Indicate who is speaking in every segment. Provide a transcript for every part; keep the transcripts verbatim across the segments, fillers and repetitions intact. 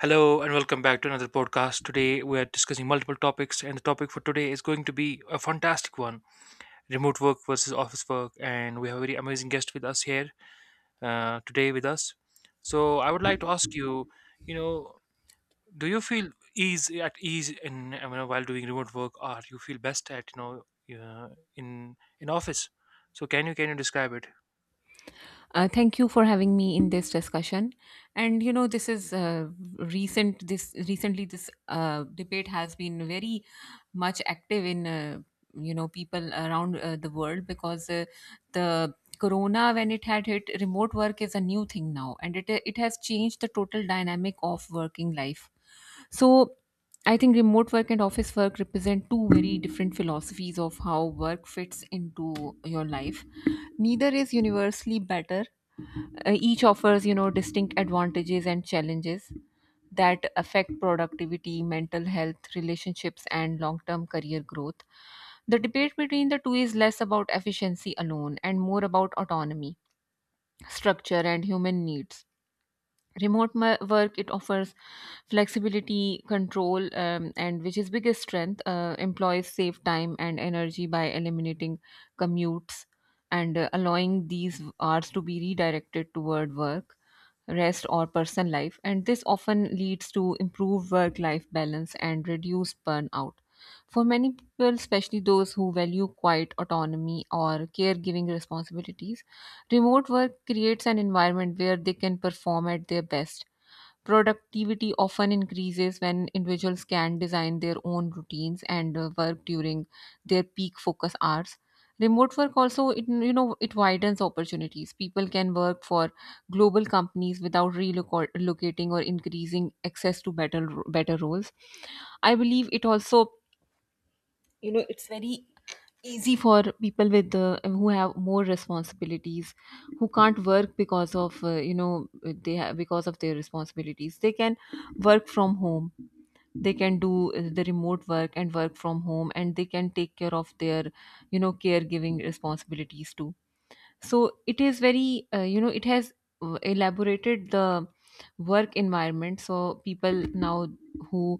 Speaker 1: Hello and welcome back to another podcast. Today we are discussing multiple topics, and the topic for today is going to be a fantastic one, remote work versus office work. And we have a very amazing guest with us here uh, today with us. So, I would like to ask you, you know, do you feel ease at ease in you know, while doing remote work, or you feel best at, you know uh, in in office? So, can you can you describe it?
Speaker 2: Uh, thank you for having me in this discussion. And you know, this is uh, recent. This recently, this uh, debate has been very much active in uh, you know people around uh, the world because uh, the corona when it had hit, remote work is a new thing now, and it it has changed the total dynamic of working life. So I think remote work and office work represent two very different philosophies of how work fits into your life. Neither is universally better. Uh, each offers, you know, distinct advantages and challenges that affect productivity, mental health, relationships, and long term career growth. The debate between the two is less about efficiency alone and more about autonomy, structure, and human needs. Remote mo- work, it offers flexibility, control, um, and which is biggest strength. Uh, employees save time and energy by eliminating commutes and uh, allowing these hours to be redirected toward work, rest, or personal life, and this often leads to improved work life balance and reduced burnout. For many people, especially those who value quiet autonomy or caregiving responsibilities, remote work creates an environment where they can perform at their best. Productivity often increases when individuals can design their own routines and uh, work during their peak focus hours. Remote work also, it, you know, it widens opportunities. People can work for global companies without relocating or increasing access to better better roles. I believe it also you know easy for people with uh, who have more responsibilities, who can't work because of, uh, you know they have, because of their responsibilities, they can work from home. They can do uh, the remote work and work from home, and they can take care of their you know caregiving responsibilities too. So it is very uh, you know it has uh, elaborated the work environment. So people now, who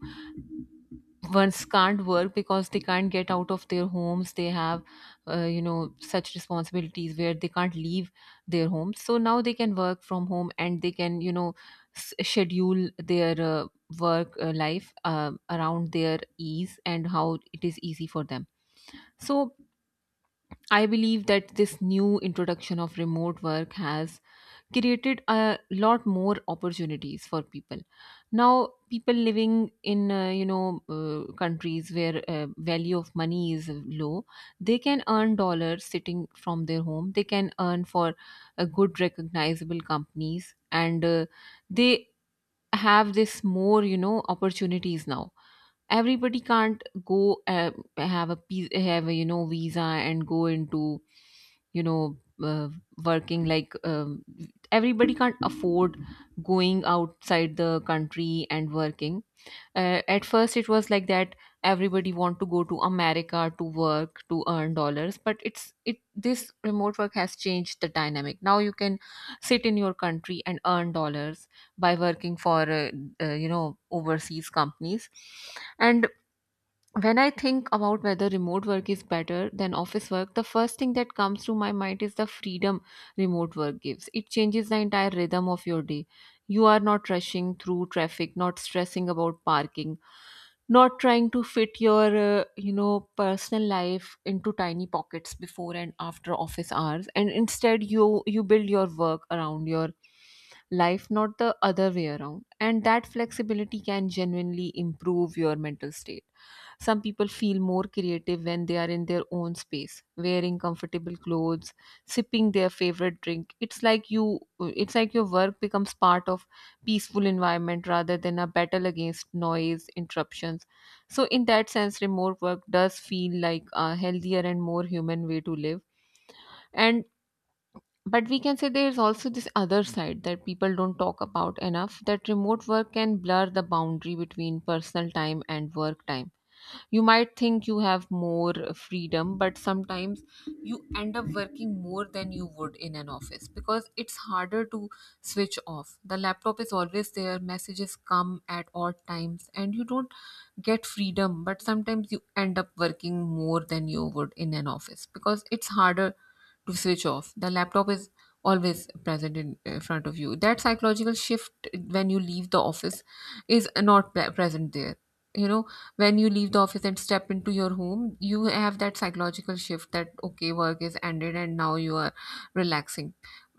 Speaker 2: ones can't work because they can't get out of their homes, they have uh, you know such responsibilities where they can't leave their homes. So now they can work from home, and they can you know s- schedule their uh, work uh, life uh, around their ease and how it is easy for them. So I believe that this new introduction of remote work has created a lot more opportunities for people. Now people living in uh, you know uh, countries where uh, value of money is low, they can earn dollars sitting from their home. They can earn for a good recognizable companies, and uh, they have this more you know opportunities now. Everybody can't go, uh, have a pe- have a you know visa and go into, you know uh, working like, um, everybody can't afford going outside the country and working. Uh, at first it was like that, everybody want to go to america to work, to earn dollars. But it's it this remote work has changed the dynamic. Now you can sit in your country and earn dollars by working for uh, uh, you know overseas companies. And when I think about whether remote work is better than office work, the first thing that comes to my mind is the freedom remote work gives. It changes the entire rhythm of your day. You are not rushing through traffic, not stressing about parking, not trying to fit your, uh, you know, personal life into tiny pockets before and after office hours. And instead, you you build your work around your life, not the other way around. And that flexibility can genuinely improve your mental state. Some people feel more creative when they are in their own space, wearing comfortable clothes, sipping their favorite drink. It's like you it's like your work becomes part of peaceful environment rather than a battle against noise, interruptions. So in that sense, remote work does feel like a healthier and more human way to live. And but we can say there is also this other side that people don't talk about enough, that remote work can blur the boundary between personal time and work time. You might think you have more freedom, but sometimes you end up working more than you would in an office because it's harder to switch off. The laptop is always there, messages come at odd times, and you don't get freedom, but sometimes you end up working more than you would in an office because it's harder to switch off. The laptop is always present in uh, front of you. That psychological shift when you leave the office is not pre- present there. You know, when you leave the office and step into your home, you have that psychological shift that, okay, work is ended and now you are relaxing.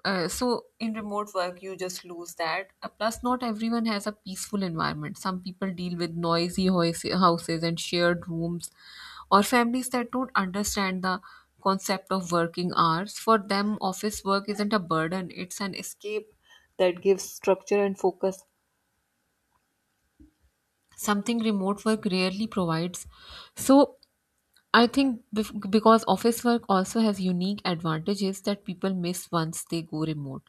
Speaker 2: Uh, so in remote work you just lose that. Uh, plus, not everyone has a peaceful environment. Some people deal with noisy hois- houses and shared rooms, or families that don't understand the concept of working hours. For them, office work isn't a burden, it's an escape that gives structure and focus, something remote work rarely provides. So I think bef- because office work also has unique advantages that people miss once they go remote.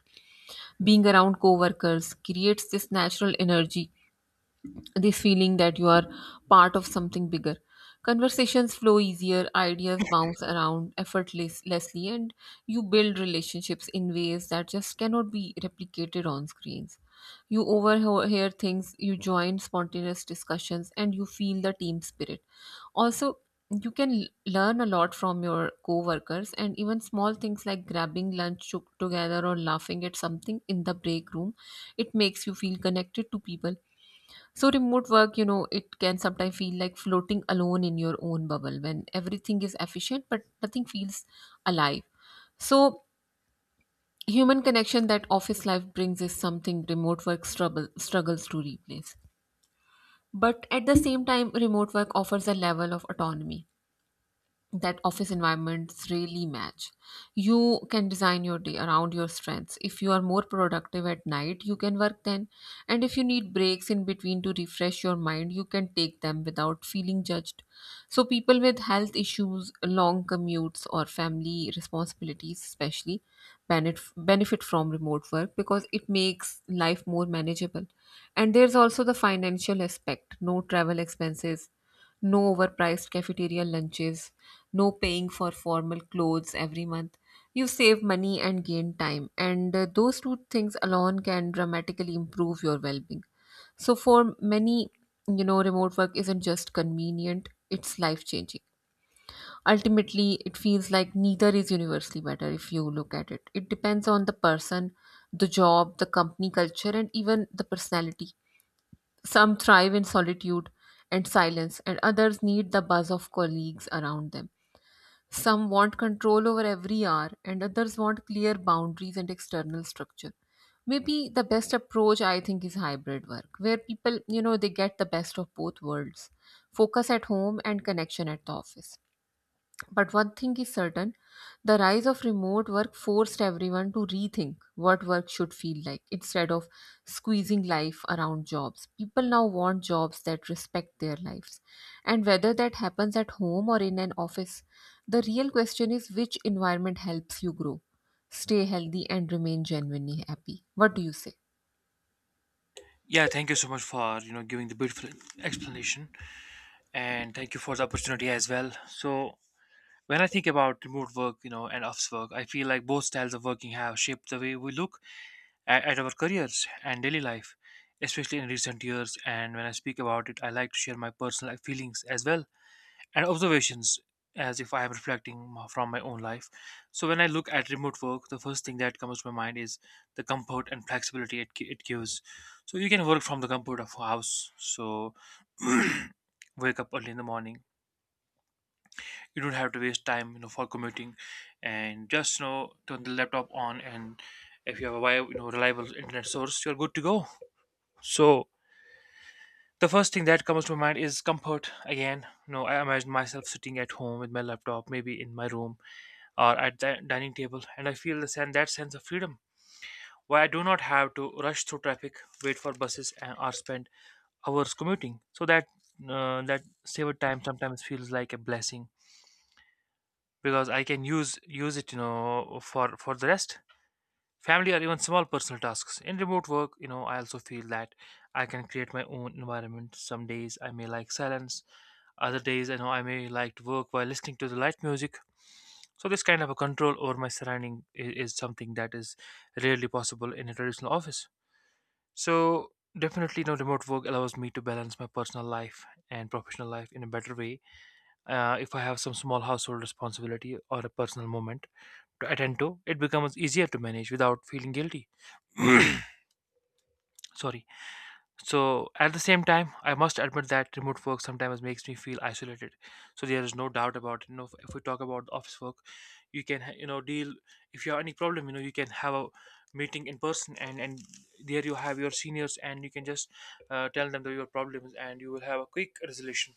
Speaker 2: Being around coworkers creates this natural energy, this feeling that you are part of something bigger. Conversations flow easier, ideas bounce around effortlessly, and you build relationships in ways that just cannot be replicated on screens. You overhear things, you join spontaneous discussions, and you feel the team spirit. Also, you can l- learn a lot from your co-workers, and even small things like grabbing lunch to- together or laughing at something in the break room, it makes you feel connected to people. So, remote work, you know, it can sometimes feel like floating alone in your own bubble when everything is efficient but nothing feels alive. So, human connection that office life brings is something remote work struggle, struggles to replace. But at the same time, remote work offers a level of autonomy that office environments really match. You can design your day around your strengths. If you are more productive at night, you can work then. And if you need breaks in between to refresh your mind, you can take them without feeling judged. So, people with health issues, long commutes, or family responsibilities, especially, benef- benefit from remote work because it makes life more manageable. And there's also the financial aspect: no travel expenses, no overpriced cafeteria lunches, no paying for formal clothes every month. You save money and gain time, and uh, those two things alone can dramatically improve your well being. So, for many, you know, remote work isn't just convenient, it's life changing. Ultimately, it feels like neither is universally better if you look at it. It depends on the person, the job, the company culture, and even the personality. Some thrive in solitude and silence, and others need the buzz of colleagues around them. Some want control over every hour, and others want clear boundaries and external structure. Maybe the best approach, I think, is hybrid work, where people, you know, they get the best of both worlds: focus at home and connection at the office. But one thing is certain: the rise of remote work forced everyone to rethink what work should feel like, instead of squeezing life around jobs. People now want jobs that respect their lives. And whether that happens at home or in an office, the real question is which environment helps you grow, stay healthy, and remain genuinely happy. What do you say?
Speaker 1: Yeah, thank you so much for you know giving the beautiful explanation, and thank you for the opportunity as well. So when I think about remote work, you know, and office work, I feel like both styles of working have shaped the way we look at, at our careers and daily life, especially in recent years. And when I speak about it, I like to share my personal feelings as well, and observations, as if I am reflecting m- from my own life. So when I look at remote work, the first thing that comes to my mind is the comfort and flexibility it, gi- it gives. So you can work from the comfort of a house. So wake up early in the morning. You don't have to waste time, you know, for commuting, and just you know turn the laptop on. And if you have a wi- you know reliable internet source, you're good to go. So the first thing that comes to my mind is comfort. Again, you know, I imagine myself sitting at home with my laptop, maybe in my room or at the dining table, and I feel the sen- that sense of freedom, where I do not have to rush through traffic, wait for buses, and or spend hours commuting. So that uh, that saved time sometimes feels like a blessing, because I can use use it, you know, for for the rest, family, or even small personal tasks. In remote work, you know, I also feel that I can create my own environment. Some days I may like silence, other days, you know, I may like to work while listening to the light music. So this kind of a control over my surrounding i- is something that is rarely possible in a traditional office. So definitely, no, remote work allows me to balance my personal life and professional life in a better way. Uh, if I have some small household responsibility or a personal moment to attend to, it becomes easier to manage without feeling guilty. Sorry. So at the same time, I must admit that remote work sometimes makes me feel isolated. So there is no doubt about it. You know, if we talk about the office work, you can ha- you know deal if you have any problem. You know, you can have a meeting in person, and and there you have your seniors, and you can just uh, tell them the, your problems, and you will have a quick resolution.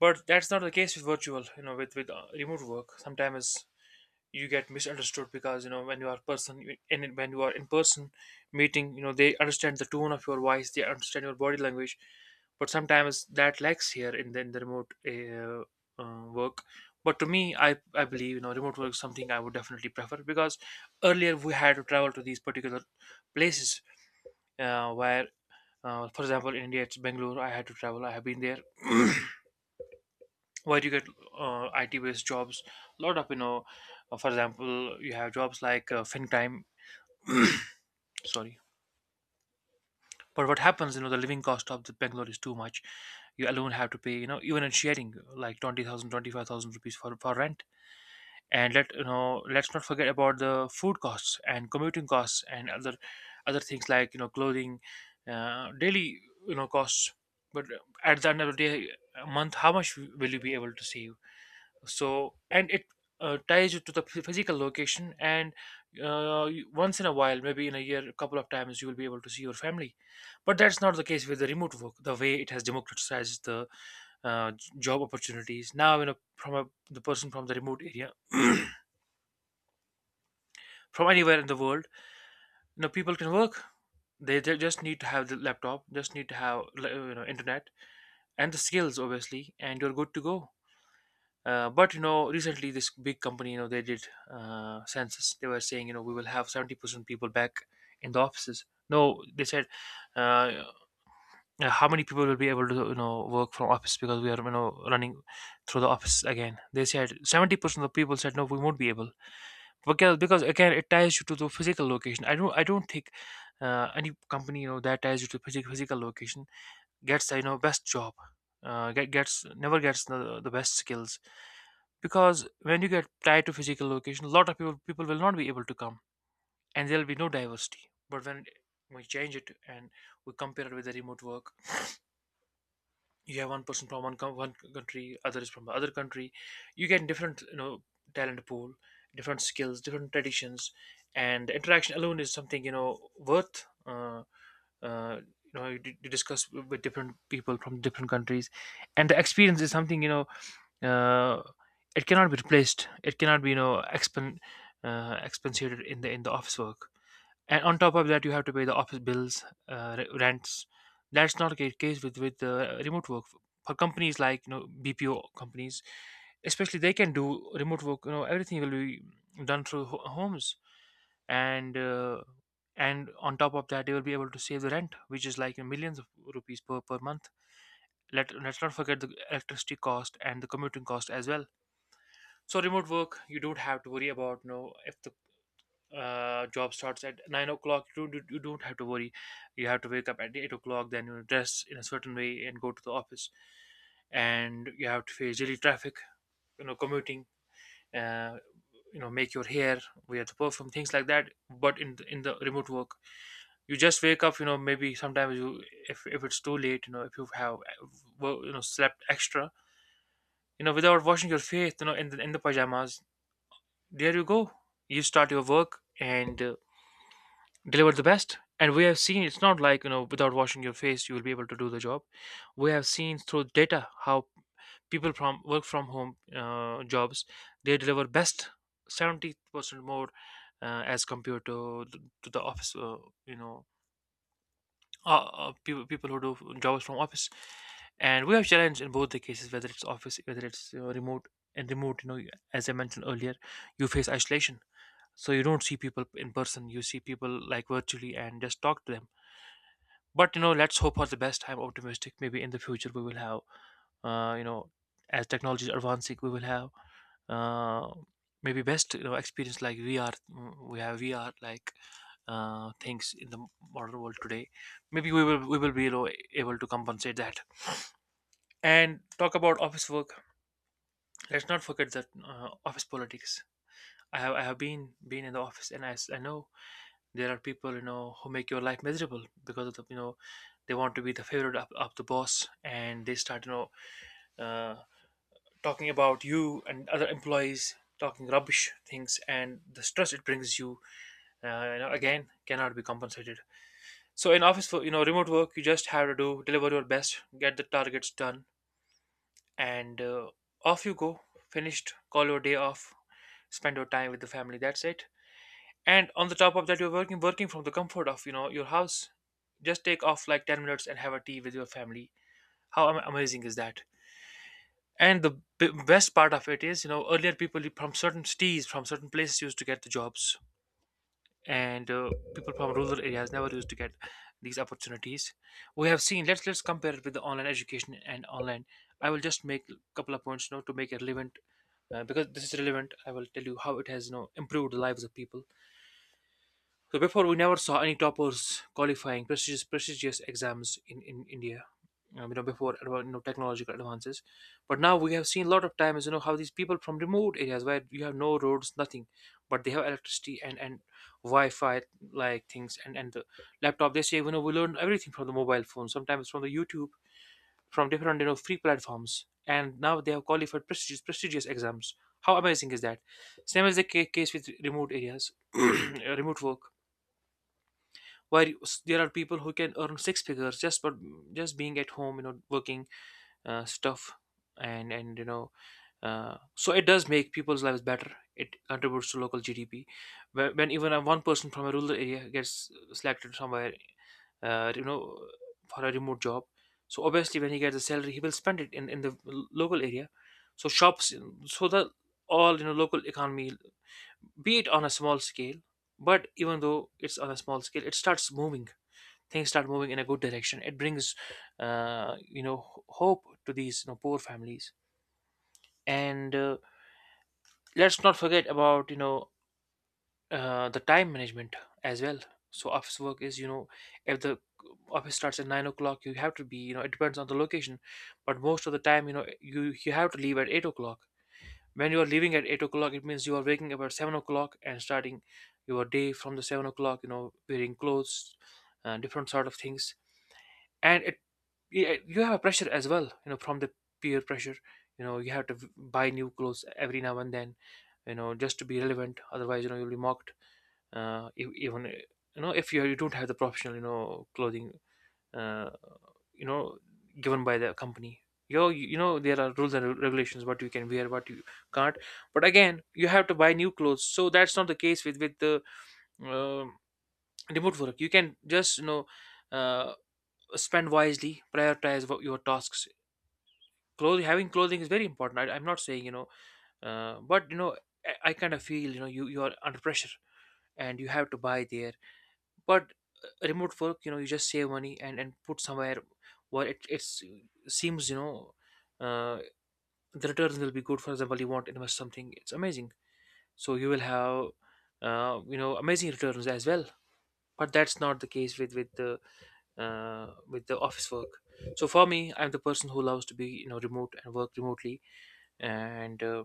Speaker 1: But that's not the case with virtual. You know, with with uh, remote work, sometimes you get misunderstood, because you know when you are person and when you are in person meeting, you know, they understand the tone of your voice, they understand your body language, but sometimes that lacks here in the, in the remote uh, uh, work. But to me, I, I believe, you know remote work is something I would definitely prefer, because earlier we had to travel to these particular places, uh, where, uh, for example, in India it's Bangalore. I had to travel, I have been there where you get uh, I T based jobs. A lot of, you know, uh, for example, you have jobs like uh, FinCrime. Sorry, but what happens? You know, the living cost of the Bangalore is too much. You alone have to pay. You know, even in sharing, like twenty thousand, twenty five thousand rupees for for rent. And let you know, let's not forget about the food costs and commuting costs, and other other things, like, you know, clothing, uh, daily, you know costs. But at the end of the day, a month, how much will you be able to save? So, and it uh, ties you to the phy- physical location, and uh, you- once in a while, maybe in a year a couple of times, you will be able to see your family. But that's not the case with the remote work. The way it has democratized the uh, j- job opportunities, now, you know, from a, the person from the remote area, from anywhere in the world, you know, people can work. They, they just need to have the laptop, just need to have li- you know internet, and the skills, obviously, and you're good to go. Uh, but you know, recently this big company, you know, they did uh, census. They were saying, you know, we will have seventy percent people back in the offices. No, they said, uh, uh, how many people will be able to, you know, work from office because we are, you know, running through the office again. They said seventy percent of people said no, we won't be able, because because again it ties you to the physical location. I don't I don't think uh, any company, you know, that ties you to physical physical location gets uh, you know best job, uh, get, gets never gets the, the best skills, because when you get tied to physical location, a lot of people people will not be able to come, and there'll be no diversity. But when we change it and we compare it with the remote work, you have one person from one, co- one country, other is from the other country. You get different, you know, talent pool, different skills, different traditions, and interaction alone is something, you know, worth, uh, uh, you know you, you discuss with different people from different countries, and the experience is something, you know uh, it cannot be replaced, it cannot be, you know, expen uh, expensated in the in the office work. And on top of that, you have to pay the office bills, uh, re- rents. That's not the case with with uh, remote work. For companies like, you know, bpo companies especially, they can do remote work, you know, everything will be done through ho- homes. And uh, and on top of that, you will be able to save the rent, which is like millions of rupees per, per month. Let, let's not forget the electricity cost and the commuting cost as well. So, remote work, you don't have to worry about, you know, if the uh, job starts at nine o'clock, you don't, you don't have to worry. You have to wake up at eight o'clock, then you dress in a certain way and go to the office, and you have to face daily traffic, you know, commuting, uh, you know, make your hair, wear the perfume, things like that. But in the, in the remote work, you just wake up, you know, maybe sometimes you, if, if it's too late, you know, if you have uh, wo- you know slept extra, you know, without washing your face, you know, in the in the pajamas there you go. You start your work and uh, deliver the best. And we have seen, it's not like, you know, without washing your face you will be able to do the job. We have seen through data how people from work from home uh, jobs, they deliver best seventy percent more, uh, as compared to the, to the office, uh, you know uh, uh, people people who do jobs from office, and we have challenged in both the cases, whether it's office, whether it's uh, remote. And remote, you know, as I mentioned earlier, you face isolation, so you don't see people in person. You see people like virtually and just talk to them. But you know, let's hope for the best. I'm optimistic. Maybe in the future we will have, uh, you know, as technology is advancing, we will have uh, maybe best, you know, experience like V R. mm, We have V R like uh, things in the modern world today. Maybe we will we will be, you know, able to compensate that. And talk about office work. Let's not forget that uh, office politics. I have I have been been in the office, and I, s- I know there are people, you know, who make your life miserable, because of the, you know, they want to be the favorite of, of the boss, and they start, you know, uh, talking about you and other employees, talking rubbish things, and the stress it brings you, uh, you know, again, cannot be compensated. So in office, for you know, remote work, you just have to do deliver your best, get the targets done, and uh, off you go. Finished. Call your day off. Spend your time with the family. That's it, and on the top of that you're working working from the comfort of you know your house. Just take off like ten minutes and have a tea with your family. How am- amazing is that? And the b- best part of it is, you know, earlier people from certain cities, from certain places, used to get the jobs, and uh, people from rural areas never used to get these opportunities. We have seen, let's let's compare it with the online education and online. I will just make a couple of points, you know, to make it relevant. Uh, because this is relevant, I will tell you how it has, you know, improved the lives of people. So before, we never saw any toppers qualifying prestigious prestigious exams in, in India. Um, you know before adva- you know, technological advances, but now we have seen a lot of times, you know, how these people from remote areas, where you have no roads, nothing, but they have electricity and and Wi-Fi like things, and and the laptop. They say, you know, we learn everything from the mobile phone, sometimes from the YouTube, from different, you know, free platforms, and now they have qualified prestigious prestigious exams. How amazing is that? Same as the ca- case with remote areas, remote work, where you- s- there are people who can earn six figures just for just being at home, you know, working, uh, stuff, and and you know uh, so it does make people's lives better. It contributes to local g d p. Wh- when even a one person from a rural area gets selected somewhere, uh, you know for a remote job, so obviously when he gets a salary he will spend it in, in the l- local area. So shops, so the all, you know, local economy, be it on a small scale, but even though it's on a small scale, it starts moving. Things start moving in a good direction. It brings, uh, you know hope to these, you know, poor families. And uh, let's not forget about, you know, uh, the time management as well. So office work is, you know, if the office starts at nine o'clock, you have to be, you know, it depends on the location, but most of the time, you know, you you have to leave at eight o'clock. When you are leaving at eight o'clock, it means you are waking up at seven o'clock and starting your day from the seven o'clock, you know, wearing clothes, uh, different sort of things. And it, yeah, you have a pressure as well, you know, from the peer pressure. You know, you have to v- buy new clothes every now and then, you know, just to be relevant, otherwise you know you'll be mocked. uh if, even uh, you know if you you don't have the professional, you know, clothing, uh you know given by the company, you know, you, you know, there are rules and re- regulations, what you can wear, what you can't. But again, you have to buy new clothes. So that's not the case with with the, um remote work. You can just, you know, uh, spend wisely, prioritize what your tasks. Clothing, having clothing is very important. I, I'm not saying, you know, uh, but you know I, I kind of feel, you know, you you are under pressure and you have to buy there. But uh, remote work, you know, you just save money and and put somewhere where it, it's, uh, seems, you know, uh, the returns will be good. For example, you want to invest something, it's amazing. So you will have, uh, you know amazing returns as well. But that's not the case with with the, uh, with the office work. So for me, I'm the person who loves to be, you know, remote and work remotely, and uh,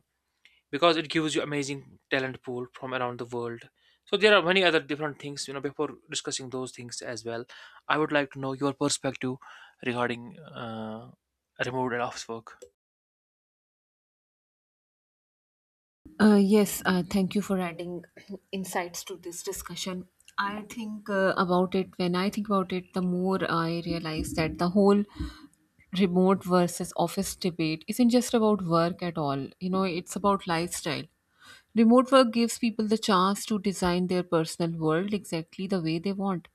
Speaker 1: because it gives you amazing talent pool from around the world. So there are many other different things. You know, before discussing those things as well, I would like to know your perspective regarding uh, remote and office work.
Speaker 2: Uh, yes, uh, thank you for adding insights to this discussion. I think uh, about it, When I think about it, the more I realize that the whole remote versus office debate isn't just about work at all. You know, it's about lifestyle. Remote work gives people the chance to design their personal world exactly the way they want.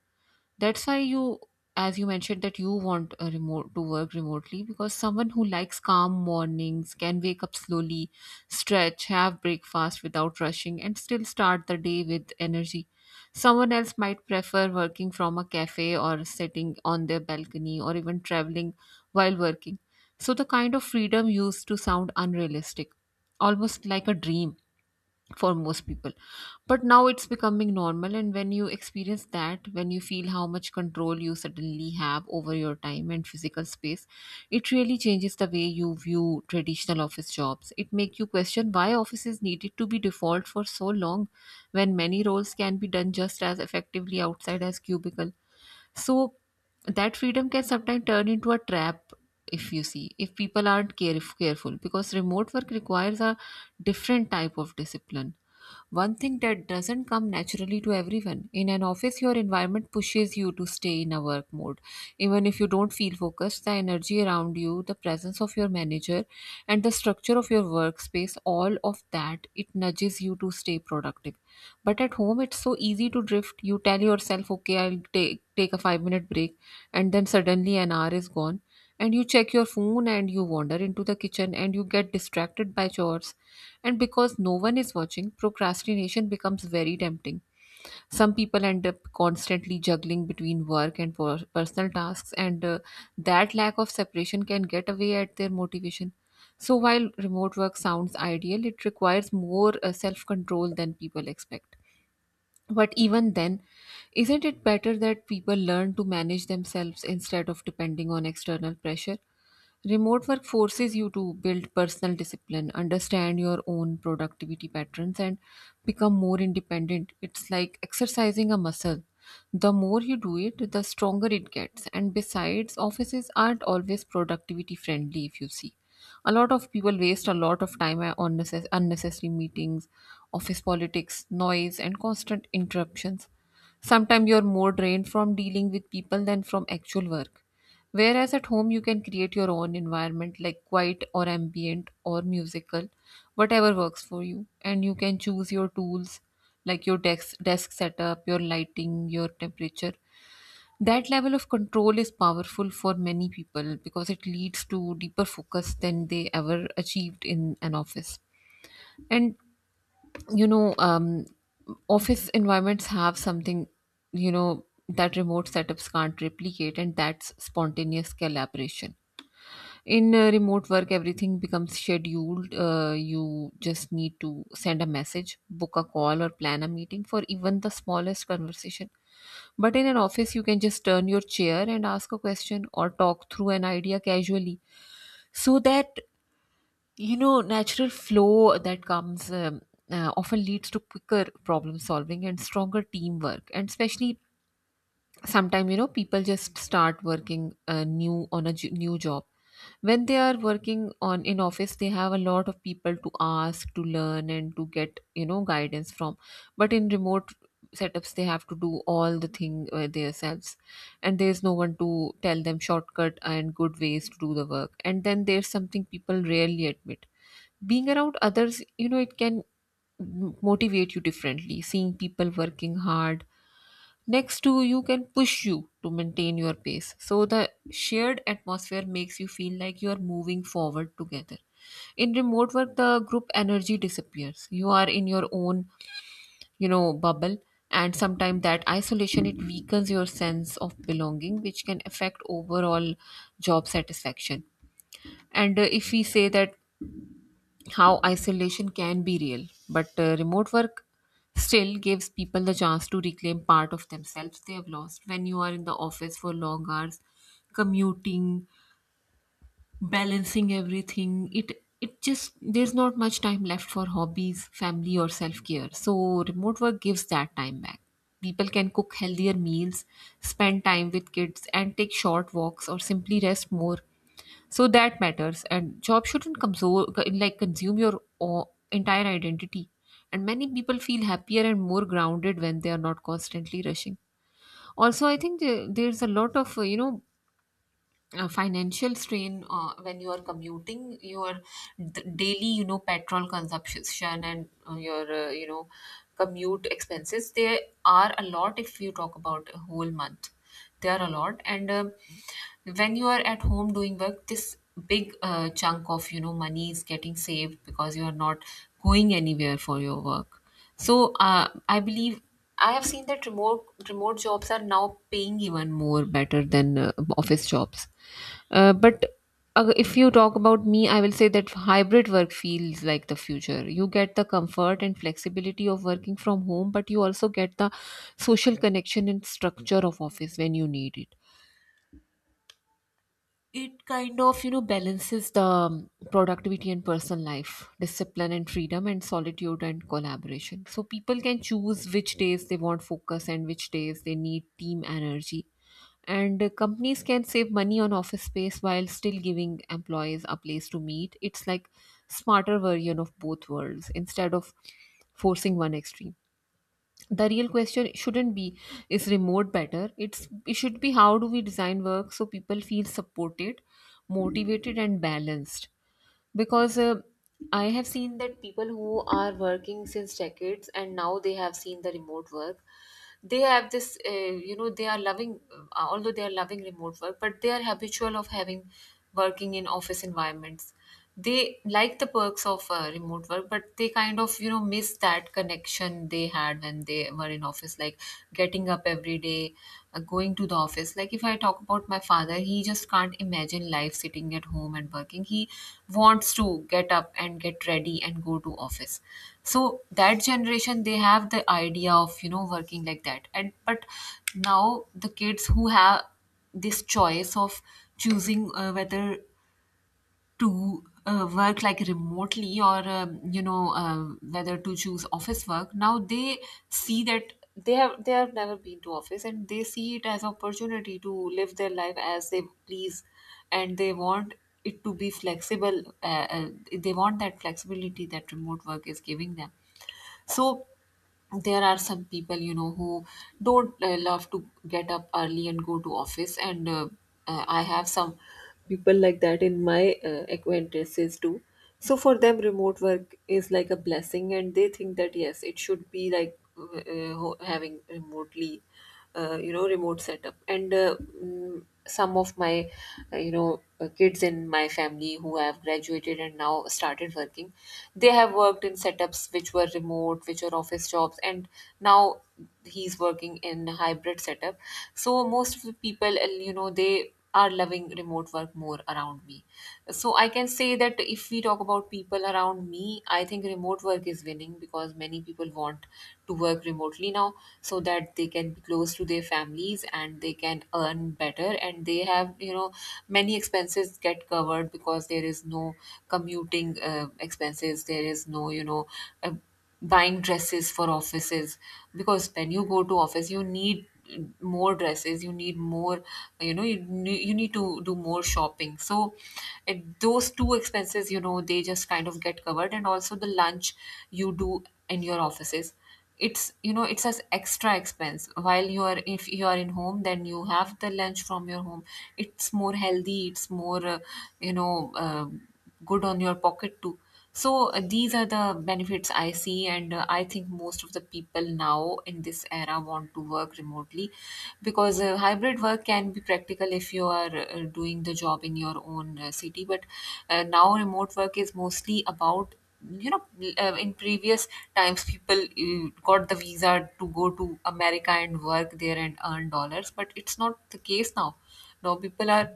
Speaker 2: That's why you, as you mentioned, that you want a remote, to work remotely, because someone who likes calm mornings can wake up slowly, stretch, have breakfast without rushing, and still start the day with energy. Someone else might prefer working from a cafe, or sitting on their balcony, or even traveling while working. So the kind of freedom used to sound unrealistic, almost like a dream for most people. But now it's becoming normal, and when you experience that, when you feel how much control you suddenly have over your time and physical space, it really changes the way you view traditional office jobs. It makes you question why offices needed to be default for so long, when many roles can be done just as effectively outside as cubicle. So that freedom can sometimes turn into a trap if you see, if people aren't care careful, because remote work requires a different type of discipline. One thing that doesn't come naturally to everyone. In an office, your environment pushes you to stay in a work mode. Even if you don't feel focused, the energy around you, the presence of your manager, and the structure of your workspace, all of that, it nudges you to stay productive. But at home, it's so easy to drift. You tell yourself, okay, I'll take, take a five minute break, and then suddenly an hour is gone. And you check your phone, and you wander into the kitchen, and you get distracted by chores. And because no one is watching, procrastination becomes very tempting. Some people end up constantly juggling between work and per- personal tasks, and uh, that lack of separation can get away at their motivation. So while remote work sounds ideal, it requires more uh, self control than people expect. But even then, isn't it better that people learn to manage themselves instead of depending on external pressure? Remote work forces you to build personal discipline, understand your own productivity patterns, and become more independent. It's like exercising a muscle. The more you do it, the stronger it gets. And besides, offices aren't always productivity friendly, if you see. A lot of people waste a lot of time on necess- unnecessary meetings, office politics, noise, and constant interruptions. Sometimes you're more drained from dealing with people than from actual work. Whereas at home, you can create your own environment, like quiet or ambient or musical, whatever works for you. And you can choose your tools, like your desk, desk setup, your lighting, your temperature. That level of control is powerful for many people because it leads to deeper focus than they ever achieved in an office. And you know um, office environments have something, you know, that remote setups can't replicate, and that's spontaneous collaboration. In uh, remote work, everything becomes scheduled. Uh, you just need to send a message, book a call, or plan a meeting for even the smallest conversation. But in an office, you can just turn your chair and ask a question or talk through an idea casually. So that, you know, natural flow that comes um, uh, often leads to quicker problem solving and stronger teamwork. And especially sometimes, you know, people just start working uh, new on a j- new job. When they are working on in office, they have a lot of people to ask, to learn, and to get, you know, guidance from. But in remote setups, they have to do all the thing uh, themselves, and there's no one to tell them shortcut and good ways to do the work. And then there's something people rarely admit. Being around others, you know, it can m- motivate you differently. Seeing people working hard next to you can push you to maintain your pace. So the shared atmosphere makes you feel like you are moving forward together. In remote work, the group energy disappears. You are in your own, you know, bubble, and sometimes that isolation, it weakens your sense of belonging, which can affect overall job satisfaction. And uh, if we say that, how isolation can be real, but uh, remote work still gives people the chance to reclaim part of themselves they have lost. When you are in the office for long hours, commuting, balancing everything, It it just there's not much time left for hobbies, family, or self care. So remote work gives that time back. People can cook healthier meals, spend time with kids, and take short walks, or simply rest more. So that matters, and job shouldn't console, like consume your o- entire identity. And many people feel happier and more grounded when they are not constantly rushing. Also, I think the- there's a lot of uh, you know uh, financial strain uh, when you are commuting. Your d- daily, you know, petrol consumption, and uh, your, uh, you know, commute expenses, they are a lot. If you talk about a whole month, they are a lot. And um, when you are at home doing work, this big uh, chunk of, you know, money is getting saved because you are not going anywhere for your work. So uh, I believe, I have seen that remote remote jobs are now paying even more better than uh, office jobs. Uh, but uh, if you talk about me, I will say that hybrid work feels like the future. You get the comfort and flexibility of working from home, but you also get the social connection and structure of office when you need it. It kind of, you know, balances the um, productivity and personal life, discipline and freedom, and solitude and collaboration. So people can choose which days they want focus and which days they need team energy. And uh, companies can save money on office space while still giving employees a place to meet. It's like smarter version of both worlds instead of forcing one extreme. The real question shouldn't be, is remote better? It's it should be, how do we design work so people feel supported, motivated, and balanced? Because uh, I have seen that people who are working since decades, and now they have seen the remote work, they have this, uh, you know, they are loving, uh, although they are loving remote work, but they are habitual of having working in office environments. They like the perks of uh, remote work, but they kind of, you know, miss that connection they had when they were in office, like getting up every day, uh, going to the office. Like if I talk about my father, he just can't imagine life sitting at home and working. He wants to get up and get ready and go to office. So that generation, they have the idea of, you know, working like that. And but now the kids who have this choice of choosing uh, whether to uh, work like remotely, or um, you know, uh, whether to choose office work, now they see that they have they have never been to office, and they see it as opportunity to live their life as they please. And they want it to be flexible. Uh, uh, they want that flexibility that remote work is giving them. So there are some people, you know, who don't uh, love to get up early and go to office, and uh, uh, I have some people like that in my uh, acquaintances too. So for them, remote work is like a blessing, and they think that, yes, it should be like, uh, uh, ho- having remotely, uh, you know, remote setup. And uh, mm, some of my, uh, you know, uh, kids in my family who have graduated and now started working, they have worked in setups which were remote, which are office jobs. And now he's working in hybrid setup. So most of the people, uh, you know, they are loving remote work more around me. So I can say that if we talk about people around me, I think remote work is winning because many people want to work remotely now so that they can be close to their families, and they can earn better, and they have, you know, many expenses get covered because there is no commuting uh, expenses, there is no, you know, uh, buying dresses for offices. Because when you go to office, you need more dresses, you need more, you know, you, ne- you need to do more shopping. So it, those two expenses, you know, they just kind of get covered. And also the lunch you do in your offices, it's, you know, it's as extra expense. While you are, if you are in home, then you have the lunch from your home. It's more healthy, it's more, uh, you know, uh, good on your pocket too. So uh, these are the benefits I see. And uh, I think most of the people now in this era want to work remotely, because uh, hybrid work can be practical if you are uh, doing the job in your own uh, city. But uh, now remote work is mostly about, you know, uh, in previous times, people uh, got the visa to go to America and work there and earn dollars, but it's not the case now. Now people are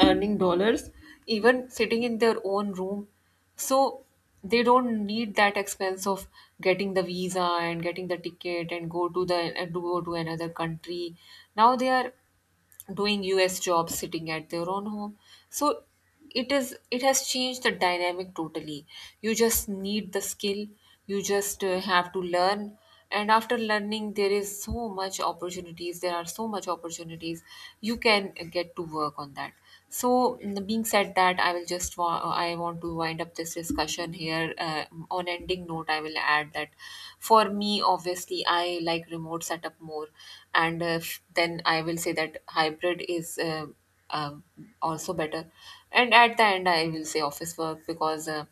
Speaker 2: earning dollars even sitting in their own room. So they don't need that expense of getting the visa and getting the ticket and go to the and to go to another country. Now they are doing U S jobs sitting at their own home. So it is it has changed the dynamic totally. You just need the skill. You just uh, have to learn. And after learning, there is so much opportunities there are so much opportunities you can get to work on that. So, mm, being said that, I will just wa- I want to wind up this discussion here. Uh, on ending note, I will add that for me, obviously, I like remote setup more, and uh, f- then I will say that hybrid is uh, uh, also better. And at the end, I will say office work, because. Uh,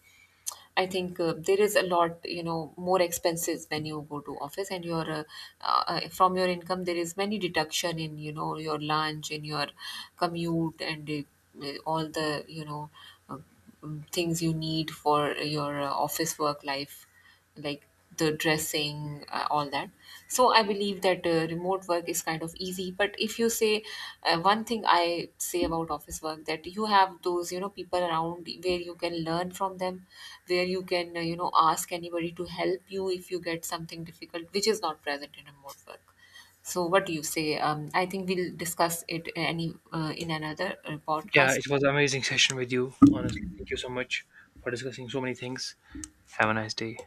Speaker 2: I think uh, there is a lot, you know, more expenses when you go to office. And your uh, uh, uh, from your income, there is many deduction in, you know, your lunch, in your commute, and uh, uh, all the, you know, uh, mm, things you need for your uh, office work life, like the dressing, uh, all that. So I believe that uh, remote work is kind of easy. But if you say, uh, one thing I say about office work, that you have those, you know, people around where you can learn from them, where you can, uh, you know, ask anybody to help you if you get something difficult, which is not present in remote work. So, what do you say? Um, I think we'll discuss it any uh, in another uh,
Speaker 1: Yeah,
Speaker 2: podcast.
Speaker 1: it was an amazing session with you. Honestly, thank you so much for discussing so many things. Have a nice day.